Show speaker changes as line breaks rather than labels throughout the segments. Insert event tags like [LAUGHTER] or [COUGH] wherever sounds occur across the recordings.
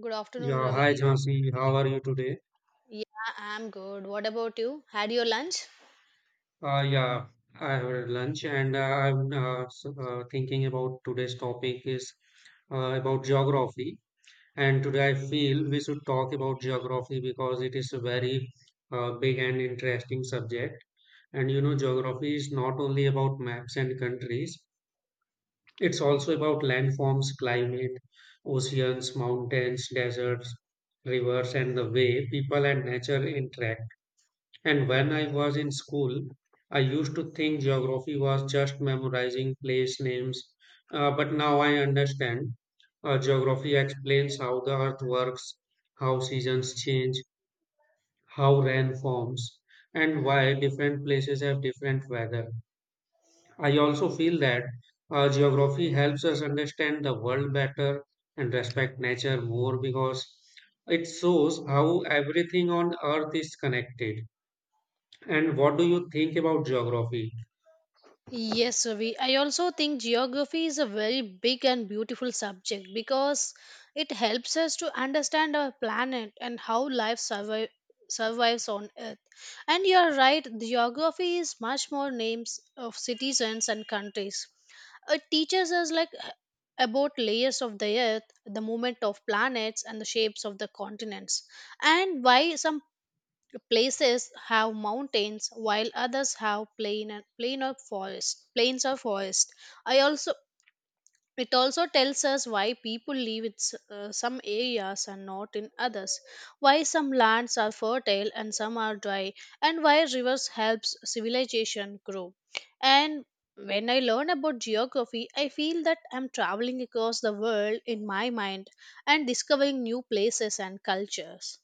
Good afternoon,
Yeah, hi
Ravi.
Jhansi, how are you today?
Yeah, I'm good. What about you? Had your lunch?
Yeah, I had lunch and I'm thinking about today's topic is about geography. And today I feel we should talk about geography because it is a very big and interesting subject. And you know, geography is not only about maps and countries, it's also about landforms, climate, oceans, mountains, deserts, rivers, and the way people and nature interact. And when I was in school, I used to think geography was just memorizing place names, but now I understand. Geography explains how the earth works, how seasons change, how rain forms, and why different places have different weather. I also feel that geography helps us understand the world better and respect nature more because it shows how everything on earth is connected. And what do you think about geography?
Yes, Ravi. I also think geography is a very big and beautiful subject because it helps us to understand our planet and how survives on Earth. And you're right, geography is much more names of citizens and countries. It teaches us like about layers of the earth, the movement of planets and the shapes of the continents. And why some places have mountains while others have plain and plain or forest plains or forest I also It also tells us why people live in some areas and not in others, why some lands are fertile and some are dry, and why rivers helps civilization grow. And when I learn about geography, I feel that I'm traveling across the world in my mind and discovering new places and cultures.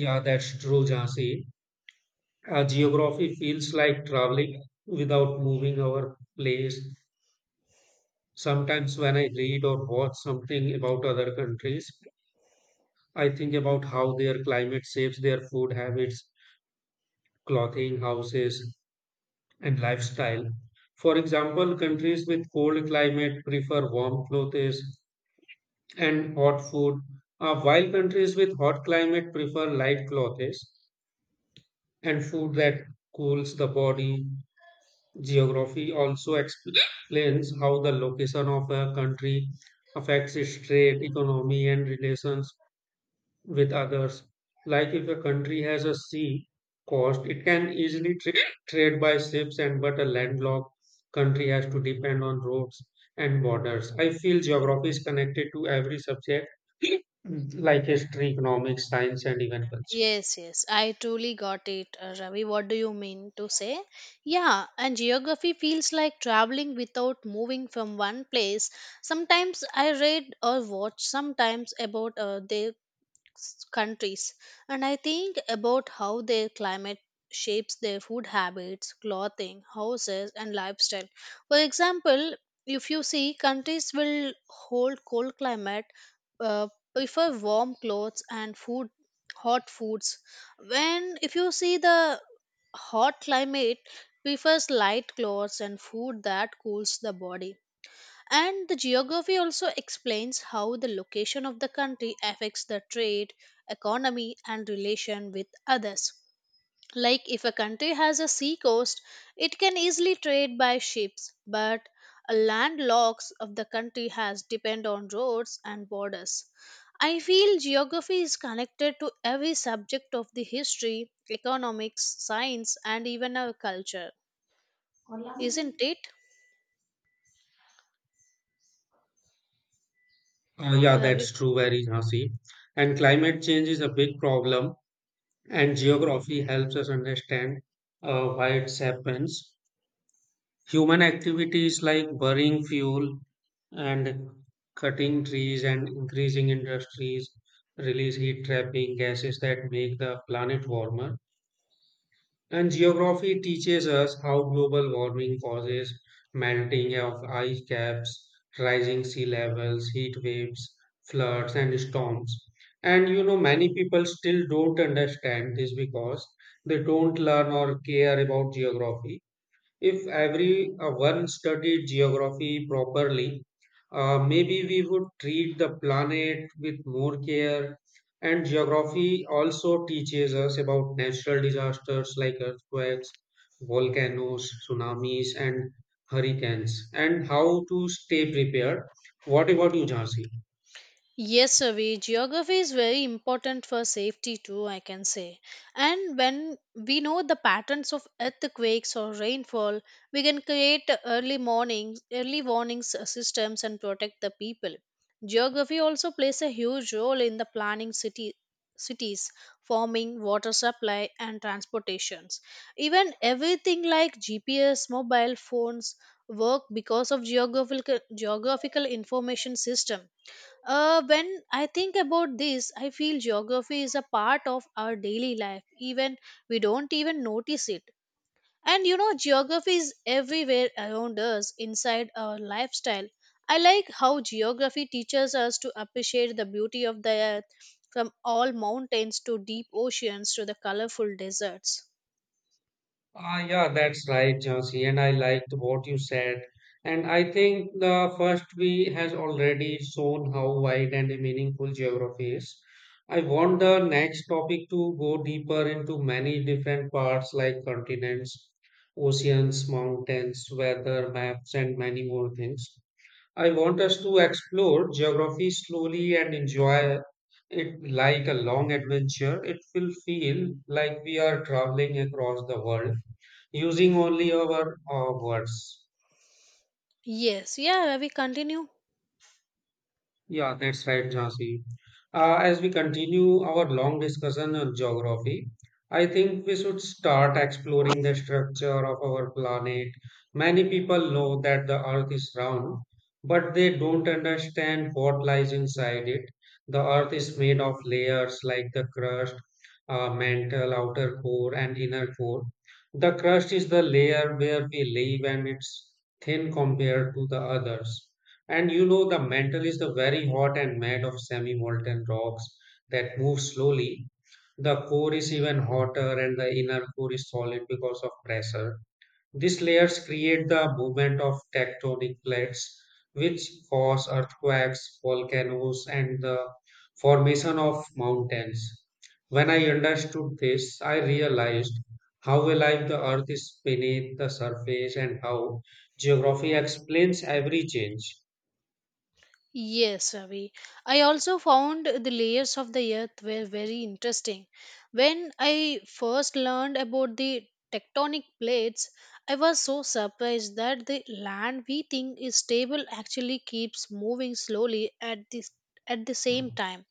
Yeah, that's true, Jhansi. Geography feels like traveling without moving our place. Sometimes when I read or watch something about other countries, I think about how their climate shapes their food habits, clothing, houses, and lifestyle. For example, countries with cold climate prefer warm clothes and hot food, while countries with hot climate prefer light clothes. And food that cools the body. Geography also explains how the location of a country affects its trade, economy, and relations with others. Like if a country has a sea coast, it can easily trade by ships, and but a landlocked country has to depend on roads and borders. I feel geography is connected to every subject [CLEARS THROAT] like history, economics, science, and even culture.
Yes, yes, I truly got it, Ravi. What do you mean to say? Yeah, and geography feels like traveling without moving from one place. Sometimes I read or watch sometimes about countries, and I think about how their climate shapes their food habits, clothing, houses and lifestyle. For example, if you see countries will hold cold climate, uh, prefer warm clothes and food, hot foods. When if you see the hot climate, prefers light clothes and food that cools the body. And the geography also explains how the location of the country affects the trade, economy, and relation with others. Like if a country has a sea coast, it can easily trade by ships, but a landlocked of the country has depend on roads and borders. I feel geography is connected to every subject of the history, economics, science, and even our culture, isn't it,
Yeah,
Ravi?
that's true, very Jhansi. And climate change is a big problem, and geography helps us understand why it happens. Human activities like burning fuel and cutting trees and increasing industries release heat trapping gases that make the planet warmer. And geography teaches us how global warming causes melting of ice caps, rising sea levels, heat waves, floods, and storms. And you know, many people still don't understand this because they don't learn or care about geography. If every one studied geography properly, maybe we would treat the planet with more care. And geography also teaches us about natural disasters like earthquakes, volcanoes, tsunamis, and hurricanes, and how to stay prepared. What about you, Jhansi?
Yes, Ravi, geography is very important for safety too, I can say. And when we know the patterns of earthquakes or rainfall, we can create early warnings systems and protect the people. Geography also plays a huge role in the planning city cities, farming, water supply and transportations. Even everything like GPS, mobile phones work because of geographical information system. When I think about this, I feel geography is a part of our daily life, even we don't even notice it. And you know, geography is everywhere around us, inside our lifestyle. I like how geography teaches us to appreciate the beauty of the earth, from all mountains to deep oceans to the colorful deserts.
Ah, yeah, that's right, Jansi, and I liked what you said. And I think the first we has already shown how wide and meaningful geography is. I want the next topic to go deeper into many different parts like continents, oceans, mountains, weather, maps, and many more things. I want us to explore geography slowly and enjoy it like a long adventure. It will feel like we are traveling across the world using only our words.
Yes, yeah, we continue.
Yeah, that's right, Jhansi. As we continue our long discussion on geography, I think we should start exploring the structure of our planet. Many people know that the Earth is round, but they don't understand what lies inside it. The Earth is made of layers like the crust, mantle, outer core, and inner core. The crust is the layer where we live, and it's thin compared to the others. And you know, the mantle is the very hot and made of semi-molten rocks that move slowly. The core is even hotter and the inner core is solid because of pressure. These layers create the movement of tectonic plates, which cause earthquakes, volcanoes, and the formation of mountains. When I understood this, I realized how alive the earth is beneath the surface and how geography explains every change.
Yes, Ravi. I also found the layers of the earth were very interesting. When I first learned about the tectonic plates, I was so surprised that the land we think is stable actually keeps moving slowly at this at the same time,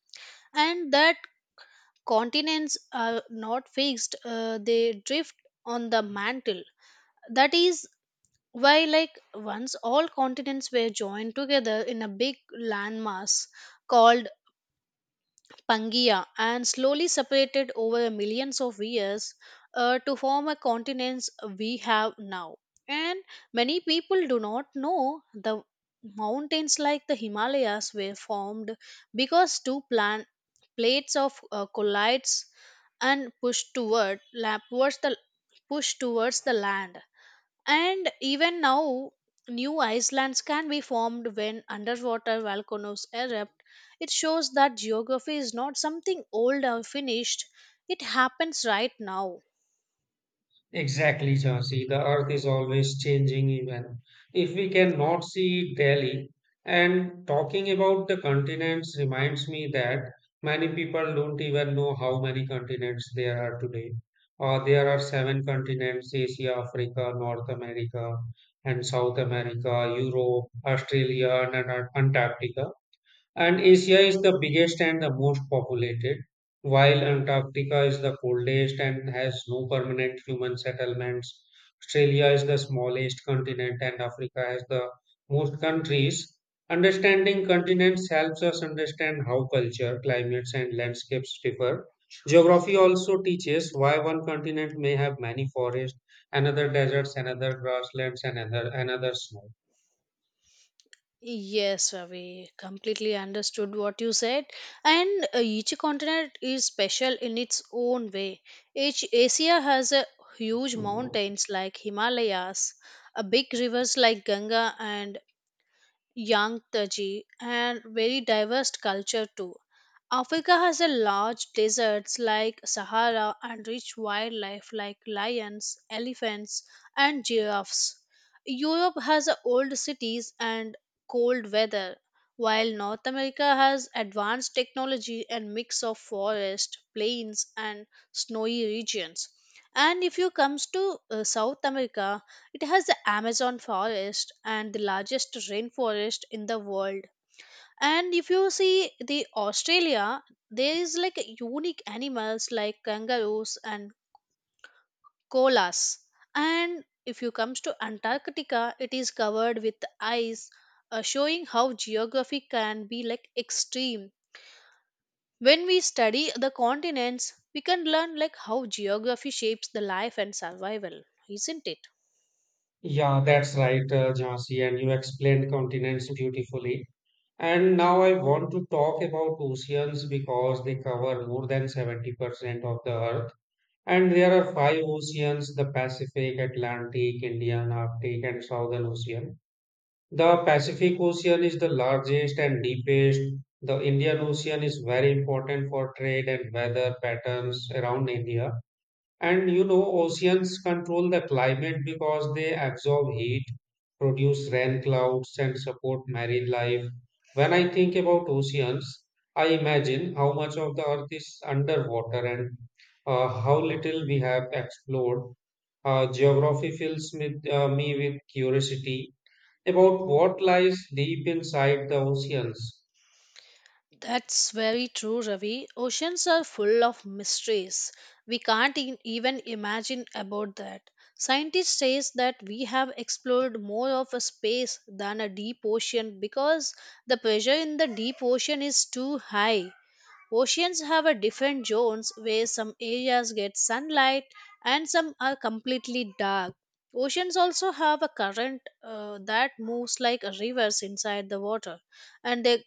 and that continents are not fixed; they drift on the mantle. That is why, like, once all continents were joined together in a big landmass called Pangaea and slowly separated over millions of years to form a continents we have now. And many people do not know the mountains like the Himalayas were formed because plates of collides and push towards the land. And even now, new islands can be formed when underwater volcanoes erupt. It shows that geography is not something old or finished, it happens right now.
Exactly, Jhansi. The earth is always changing, even if we cannot see it daily. And talking about the continents reminds me that many people don't even know how many continents there are today. There are seven continents Asia, Africa, North America, and South America, Europe, Australia, and Antarctica. And Asia is the biggest and the most populated, while Antarctica is the coldest and has no permanent human settlements. Australia is the smallest continent, and Africa has the most countries. Understanding continents helps us understand how culture, climates, and landscapes differ. Geography also teaches why one continent may have many forests, another deserts, another grasslands, and another snow.
Yes, Ravi, completely understood what you said. And each continent is special in its own way. Each Asia has a huge mountains like Himalayas, a big rivers like Ganga, and young, touchy, and very diverse culture too. Africa has a large deserts like Sahara and rich wildlife like lions, elephants, and giraffes. Europe has a old cities and cold weather, while North America has advanced technology and mix of forest, plains, and snowy regions. And if you comes to South America, it has the Amazon forest and the largest rainforest in the world. And if you see the Australia, there is like unique animals like kangaroos and koalas. And if you comes to Antarctica, it is covered with ice, showing how geography can be like extreme. When we study the continents, we can learn like how geography shapes the life and survival, isn't it?
Yeah, that's right, Jhansi, and you explained continents beautifully. And now I want to talk about oceans because they cover more than 70% of the earth. And there are five oceans the Pacific, Atlantic, Indian, Arctic, and Southern Ocean. The Pacific Ocean is the largest and deepest. The Indian Ocean is very important for trade and weather patterns around India. And you know, oceans control the climate because they absorb heat, produce rain clouds, and support marine life. When I think about oceans, I imagine how much of the earth is underwater and how little we have explored. Geography fills me with curiosity about what lies deep inside the oceans.
That's very true, Ravi. Oceans are full of mysteries. We can't even imagine about that. Scientists say that we have explored more of a space than a deep ocean because the pressure in the deep ocean is too high. Oceans have a different zones where some areas get sunlight and some are completely dark. Oceans also have a current that moves like a rivers inside the water, and they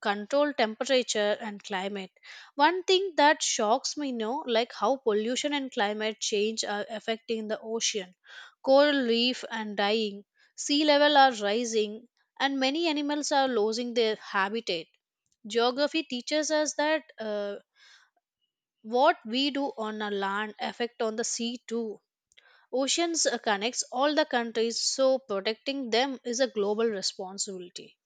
control temperature and climate. One thing that shocks me now, like how pollution and climate change are affecting the ocean. Coral reef and dying, sea level are rising, and many animals are losing their habitat. Geography teaches us that what we do on our land affect on the sea too. Oceans connects all the countries, so protecting them is a global responsibility.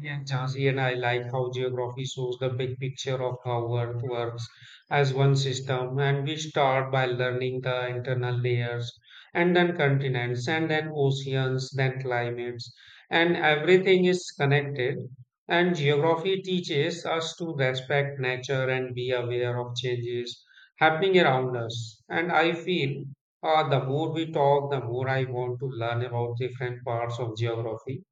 Yeah, Jhansi, and I like how geography shows the big picture of how Earth works as one system. And we start by learning the internal layers, and then continents, and then oceans, then climates, and everything is connected. And geography teaches us to respect nature and be aware of changes happening around us. And I feel the more we talk, the more I want to learn about different parts of geography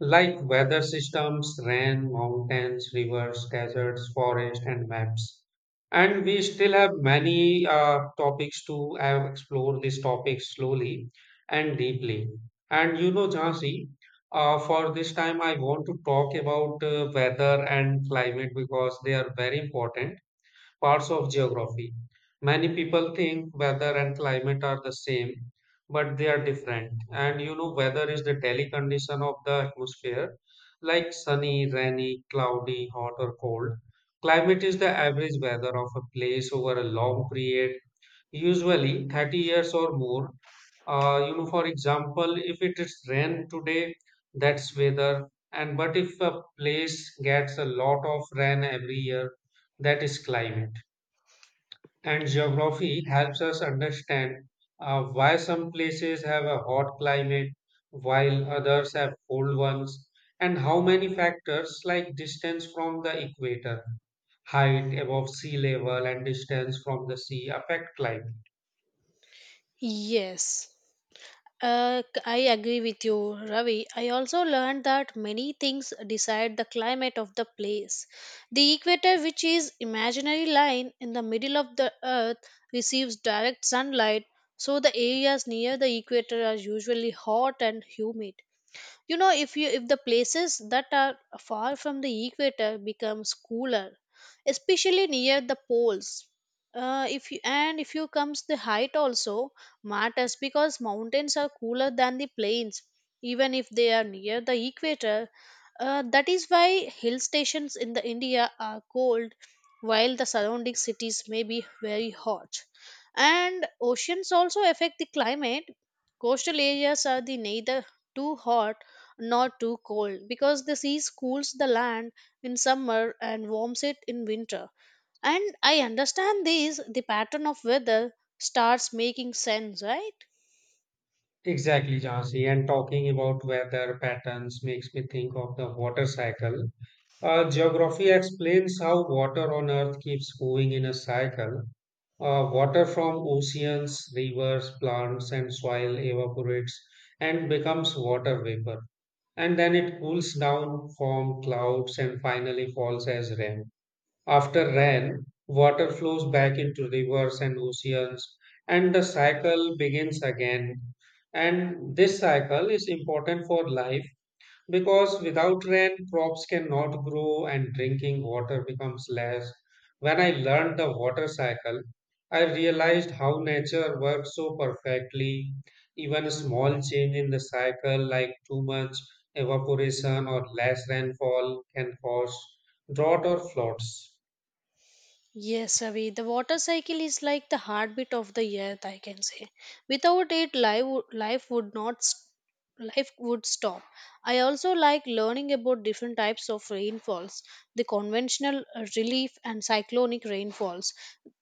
like weather systems, rain, mountains, rivers, deserts, forests, and maps. And we still have many topics to explore these topics slowly and deeply. And you know, Jhansi, for this time, I want to talk about weather and climate because they are very important parts of geography. Many people think weather and climate are the same, but they are different. And you know, weather is the daily condition of the atmosphere, like sunny, rainy, cloudy, hot, or cold. Climate is the average weather of a place over a long period, usually 30 years or more. You know, for example, if it is rain today, that's weather. And but if a place gets a lot of rain every year, that is climate. And geography helps us understand why some places have a hot climate while others have cold ones, and how many factors like distance from the equator, height above sea level, and distance from the sea affect climate.
Yes. I agree with you, Ravi. I also learned that many things decide the climate of the place. The equator, which is imaginary line in the middle of the earth, receives direct sunlight, so the areas near the equator are usually hot and humid. You know, if the places that are far from the equator becomes cooler, especially near the poles. If you comes the height also matters because mountains are cooler than the plains, even if they are near the equator. That is why hill stations in the india are cold while the surrounding cities may be very hot. And oceans also affect the climate. Coastal areas are the neither too hot not too cold because the sea cools the land in summer and warms it in winter. And I understand this, the pattern of weather starts making sense, right?
Exactly, Jansi. And talking about weather patterns makes me think of the water cycle. Geography explains how water on Earth keeps moving in a cycle. Water from oceans, rivers, plants, and soil evaporates and becomes water vapor. And then it cools down, forms clouds, and finally falls as rain. After rain, water flows back into rivers and oceans, and the cycle begins again. And this cycle is important for life because without rain, crops cannot grow and drinking water becomes less. When I learned the water cycle, I realized how nature works so perfectly. Even a small change in the cycle, like too much evaporation or less rainfall, can cause drought or floods.
Yes, Avi, the water cycle is like the heartbeat of the earth, I can say. Without it, life would not s- life would stop. I also like learning about different types of rainfalls, the conventional relief and cyclonic rainfalls.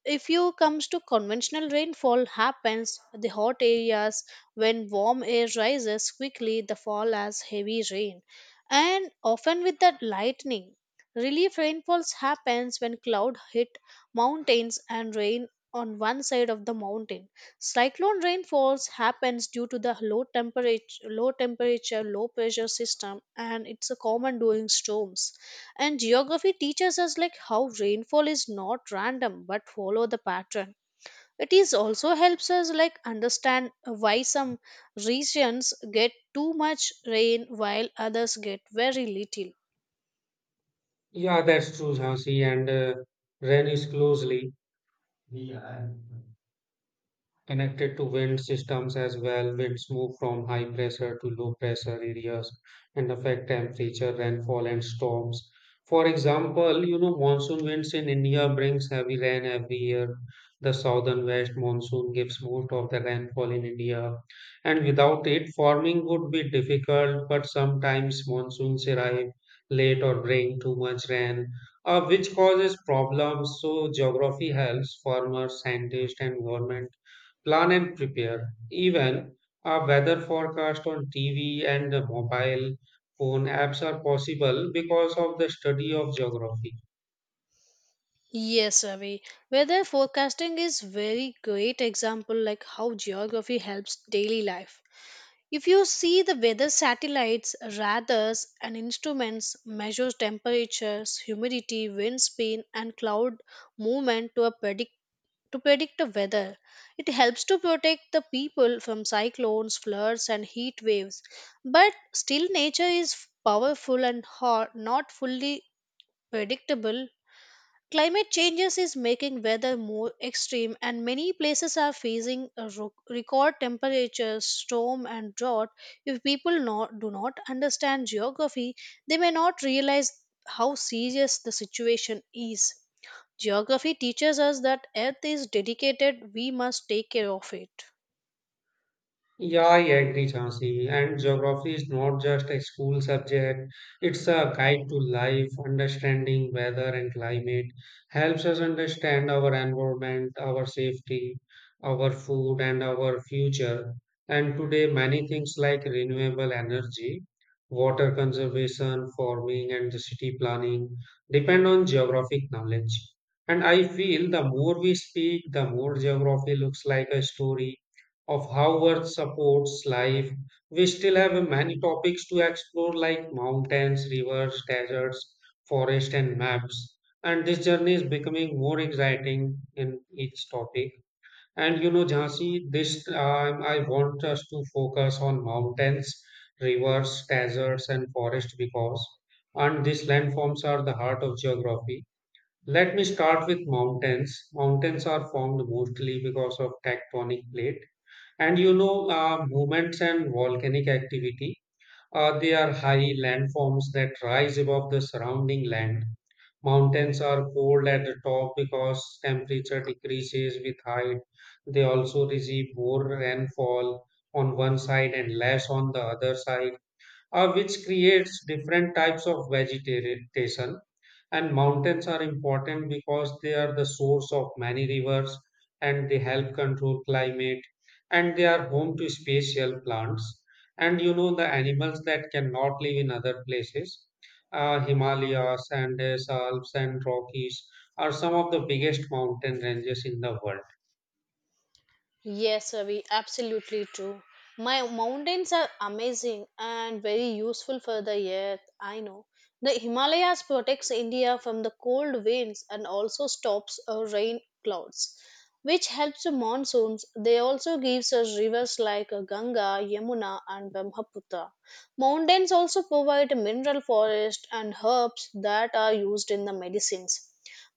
If you comes to conventional rainfall happens the hot areas when warm air rises quickly the fall as heavy rain and often with that lightning. Relief rainfalls happens when cloud hit mountains and rain on one side of the mountain. Cyclone rainfalls happens due to the low temperature, low pressure system, and it's a common during storms. And geography teaches us like how rainfall is not random but follow the pattern. It is also helps us like understand why some regions get too much rain while others get very little.
Yeah, that's true, Jhansi, and rain is closely. Yeah. connected to wind systems as well. Winds move from high pressure to low pressure areas and affect temperature, rainfall, and storms. For example, you know, monsoon winds in India brings heavy rain every year. The southern west monsoon gives most of the rainfall in India, and without it, farming would be difficult. But sometimes monsoons arrive late or bring too much rain, which causes problems. So, geography helps farmers, scientists, and government plan and prepare. Even a weather forecast on TV and the mobile phone apps are possible because of the study of geography.
Yes, Ravi. Weather forecasting is very great example like how geography helps daily life. If you see the weather satellites, radars and instruments measures temperatures, humidity, wind speed and cloud movement to predict the weather. It helps to protect the people from cyclones, floods and heat waves. But still nature is powerful and hot, not fully predictable. Climate changes is making weather more extreme, and many places are facing a record temperatures, storm, and drought. If people not, do not understand geography, they may not realize how serious the situation is. Geography teaches us that Earth is dedicated, we must take care of it.
Yeah, I agree, Chansi. And geography is not just a school subject, it's a guide to life. Understanding weather and climate helps us understand our environment, our safety, our food, and our future. And today, many things like renewable energy, water conservation, farming, and the city planning depend on geographic knowledge. And I feel the more we speak, the more geography looks like a story of how Earth supports life. We still have many topics to explore, like mountains, rivers, deserts, forests, and maps. And this journey is becoming more exciting in each topic. And you know, Jhansi, this time I want us to focus on mountains, rivers, deserts, and forests because, and these landforms are the heart of geography. Let me start with mountains. Mountains are formed mostly because of tectonic plate and you know, movements and volcanic activity, they are high landforms that rise above the surrounding land. Mountains are cold at the top because temperature decreases with height. They also receive more rainfall on one side and less on the other side, which creates different types of vegetation and mountains are important because they are the source of many rivers and they help control climate and they are home to special plants and the animals that cannot live in other places. Himalayas, Andes, Alps, and Rockies are some of the biggest mountain ranges in the world.
Yes, Ravi, absolutely true. My mountains are amazing and very useful for the earth. I know the Himalayas protects India from the cold winds and also stops rain clouds, which helps the monsoons. They also gives us rivers like Ganga, Yamuna, and Brahmaputra. Mountains also provide mineral forest and herbs that are used in the medicines.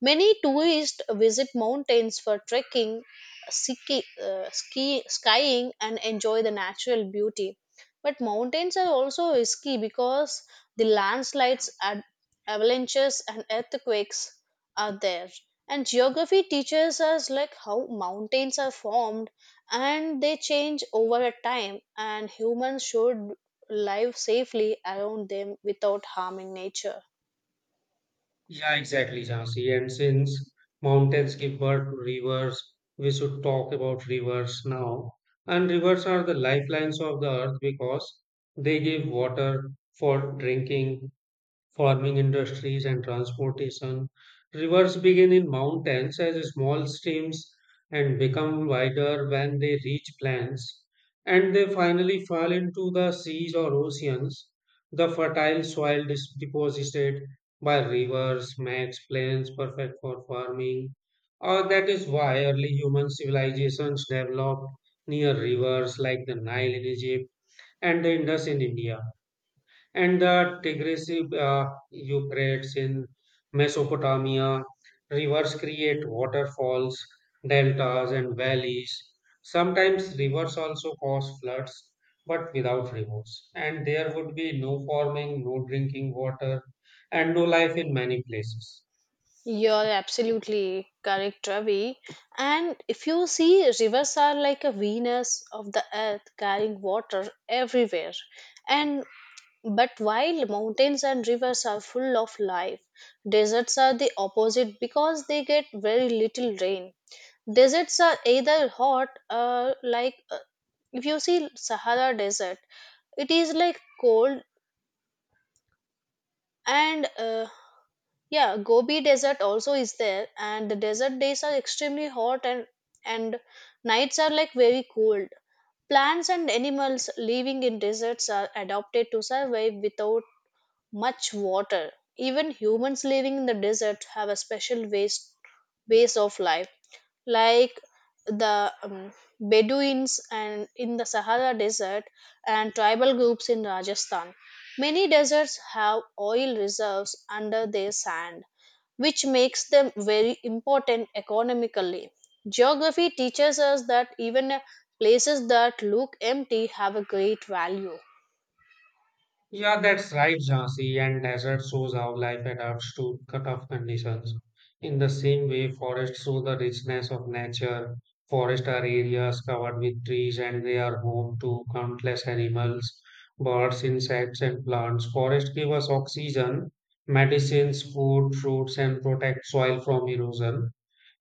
Many tourists visit mountains for trekking, skiing and enjoy the natural beauty. But mountains are also risky because the landslides, avalanches and earthquakes are there. And geography teaches us like how mountains are formed and they change over a time, and humans should live safely around them without harming nature.
Yeah, exactly, Jhansi. And since mountains give birth to rivers, we should talk about rivers now. And rivers are the lifelines of the earth because they give water for drinking, farming industries and transportation. Rivers begin in mountains as small streams and become wider when they reach plains, and they finally fall into the seas or oceans. The fertile soil deposited by rivers makes plains perfect for farming, or that is why early human civilizations developed near rivers like the Nile in Egypt and the Indus in India and the Tigris Euphrates in Mesopotamia. Rivers create waterfalls, deltas, and valleys. Sometimes rivers also cause floods, but without rivers. And there would be no farming, no drinking water, and no life in many places.
You're absolutely correct, Ravi. And if you see, rivers are like a Venus of the earth carrying water everywhere. And but while mountains and rivers are full of life, deserts are the opposite because they get very little rain. Deserts are either hot, if you see Sahara Desert, it is like cold and yeah, Gobi Desert also is there, and the desert days are extremely hot and nights are like very cold. Plants and animals living in deserts are adapted to survive without much water. Even humans living in the desert have a special ways ways of life, like the um, Bedouins and in the Sahara Desert and tribal groups in Rajasthan. Many deserts have oil reserves under their sand which makes them very important economically. Geography teaches us that even places that look empty have a great value.
Yeah, that's right, Jhansi. And desert shows how life adapts to tough conditions. In the same way, forests show the richness of nature. Forests are areas covered with trees and they are home to countless animals, birds, insects, and plants. Forests give us oxygen, medicines, food, fruits, and protect soil from erosion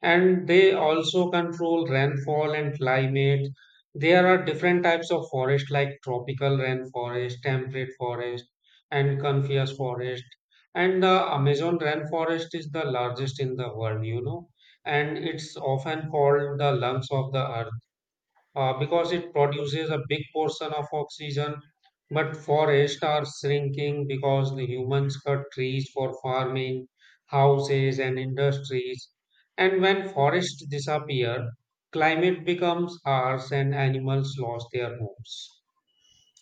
and they also control rainfall and climate. There are different types of forest like tropical rainforest, temperate forest, and coniferous forest. And the Amazon rainforest is the largest in the world, and it's often called the lungs of the earth because it produces a big portion of oxygen. But forests are shrinking because the humans cut trees for farming, houses, and industries. And when forests disappear, climate becomes harsh and animals lose their homes.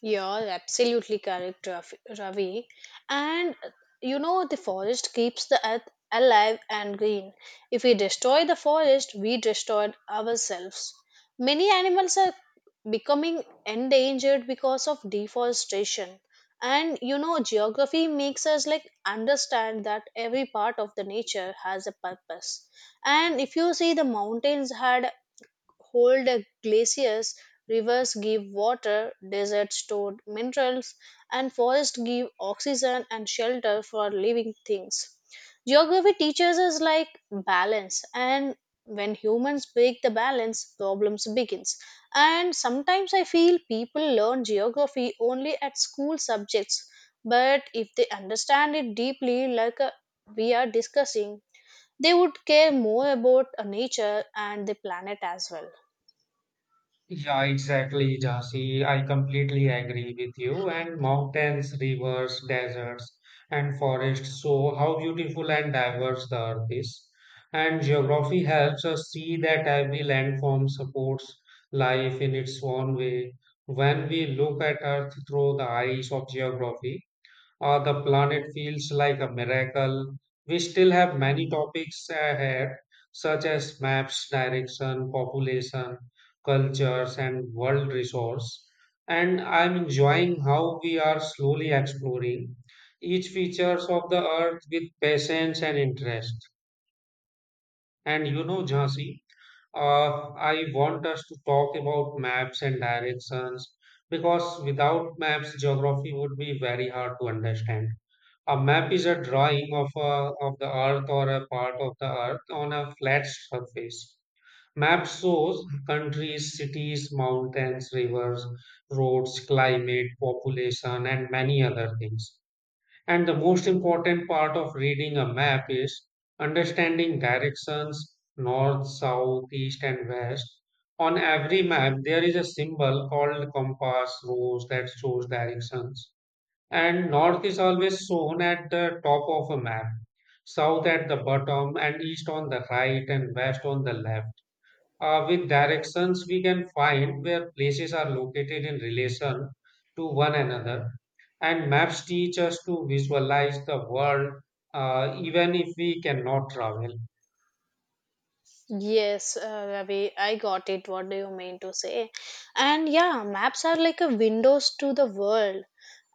You're absolutely correct, Ravi. And you know, the forest keeps the earth alive and green. If we destroy the forest, we destroy ourselves. Many animals are becoming endangered because of deforestation. And you know, geography makes us like understand that every part of the nature has a purpose. And if you see, the mountains had hold glaciers, rivers give water, deserts store minerals, and forests give oxygen and shelter for living things. Geography teaches us like balance, and when humans break the balance problems begins. And sometimes I feel people learn geography only at school subjects, but if they understand it deeply, like we are discussing, they would care more about nature and the planet as well.
Yeah, exactly, Jasi. I completely agree with you. And mountains, rivers, deserts, and forests show how beautiful and diverse the earth is. And geography helps us see that every landform supports life in its own way. When we look at Earth through the eyes of geography, the planet feels like a miracle. We still have many topics ahead, such as maps, direction, population, cultures, and world resource. And I'm enjoying how we are slowly exploring each features of the earth with patience and interest. And Jhansi, I want us to talk about maps and directions because without maps, geography would be very hard to understand. A map is a drawing of of the earth or a part of the earth on a flat surface. Map shows countries, cities, mountains, rivers, roads, climate, population, and many other things. And the most important part of reading a map is understanding directions north, south, east, and west. On every map, there is a symbol called compass rose that shows directions. And north is always shown at the top of a map, south at the bottom, and east on the right, and west on the left. With directions we can find where places are located in relation to one another and maps teach us to visualize the world even if we cannot travel.
Yes, Ravi, I got it. What do you mean to say? And yeah, maps are like a windows to the world,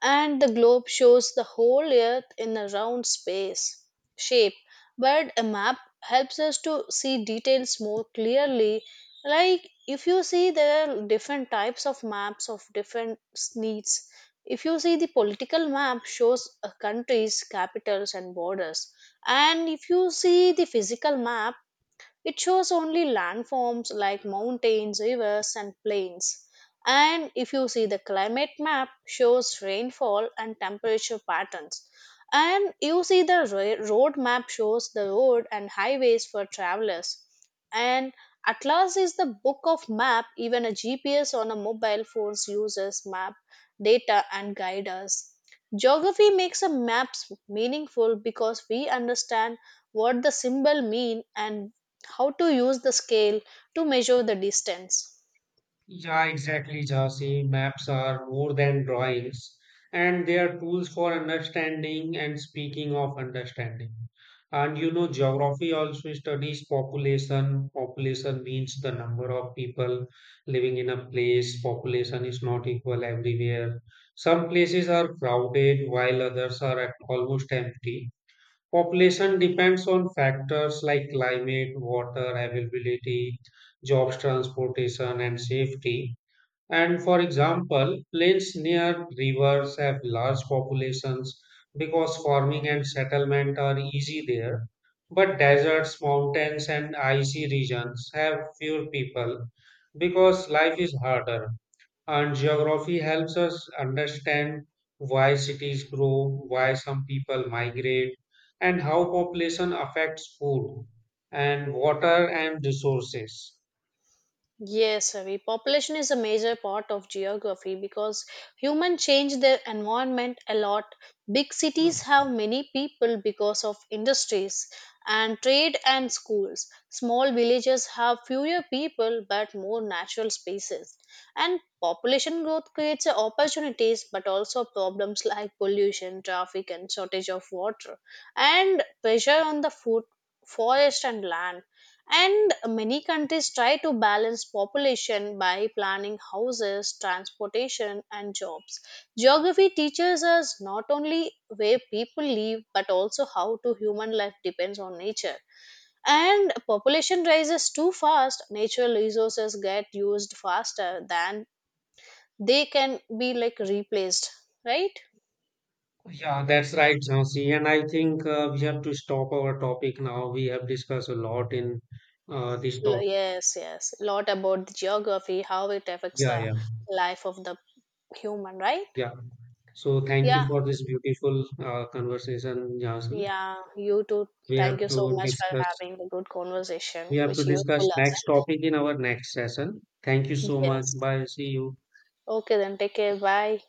and the globe shows the whole earth in a round space shape. But a map helps us to see details more clearly. Like if you see, there are different types of maps of different needs. If you see the political map shows a countries, capitals, and borders. And if you see the physical map it shows only landforms like mountains, rivers, and plains. And if you see the climate map, shows rainfall and temperature patterns. And you see the road map shows the road and highways for travelers. And Atlas is the book of map. Even a GPS on a mobile phone uses map data and guide us. Geography makes a maps meaningful because we understand what the symbol mean and how to use the scale to measure the distance.
Yeah, exactly, Jhansi. Maps are more than drawings, and they are tools for understanding. And speaking of understanding, and geography also studies population. Population means the number of people living in a place. Population is not equal everywhere. Some places are crowded while others are at almost empty. Population depends on factors like climate, water availability, jobs, transportation, and safety and for example, plains near rivers have large populations because farming and settlement are easy there. But deserts, mountains, and icy regions have fewer people because life is harder. And geography helps us understand why cities grow, why some people migrate, and how population affects food and water and resources.
Yes, Ravi. Population is a major part of geography because humans change their environment a lot. Big cities have many people because of industries and trade and schools. Small villages have fewer people but more natural spaces. And population growth creates opportunities but also problems like pollution, traffic, and shortage of water, and pressure on the food, forest, and land. And many countries try to balance population by planning houses, transportation, and jobs. Geography teaches us not only where people live but also how to human life depends on nature. And population rises too fast, natural resources get used faster than they can be like replaced, right?
Yeah, that's right, Jhansi. And I think we have to stop our topic now. We have discussed a lot in this topic.
Yes, yes. Lot about the geography, how it affects
Yeah,
the
yeah,
life of the human, right?
yeah. So thank you
Yeah.
for this beautiful conversation, Jhansi.
Yeah, you too.
We have
Thank you so
to
much for
discuss.
having a good conversation,
We have to
which useful
discuss next
lesson.
topic in our next session. Thank you so much.
Yes.
Bye. See you.
Okay, then take care. Bye.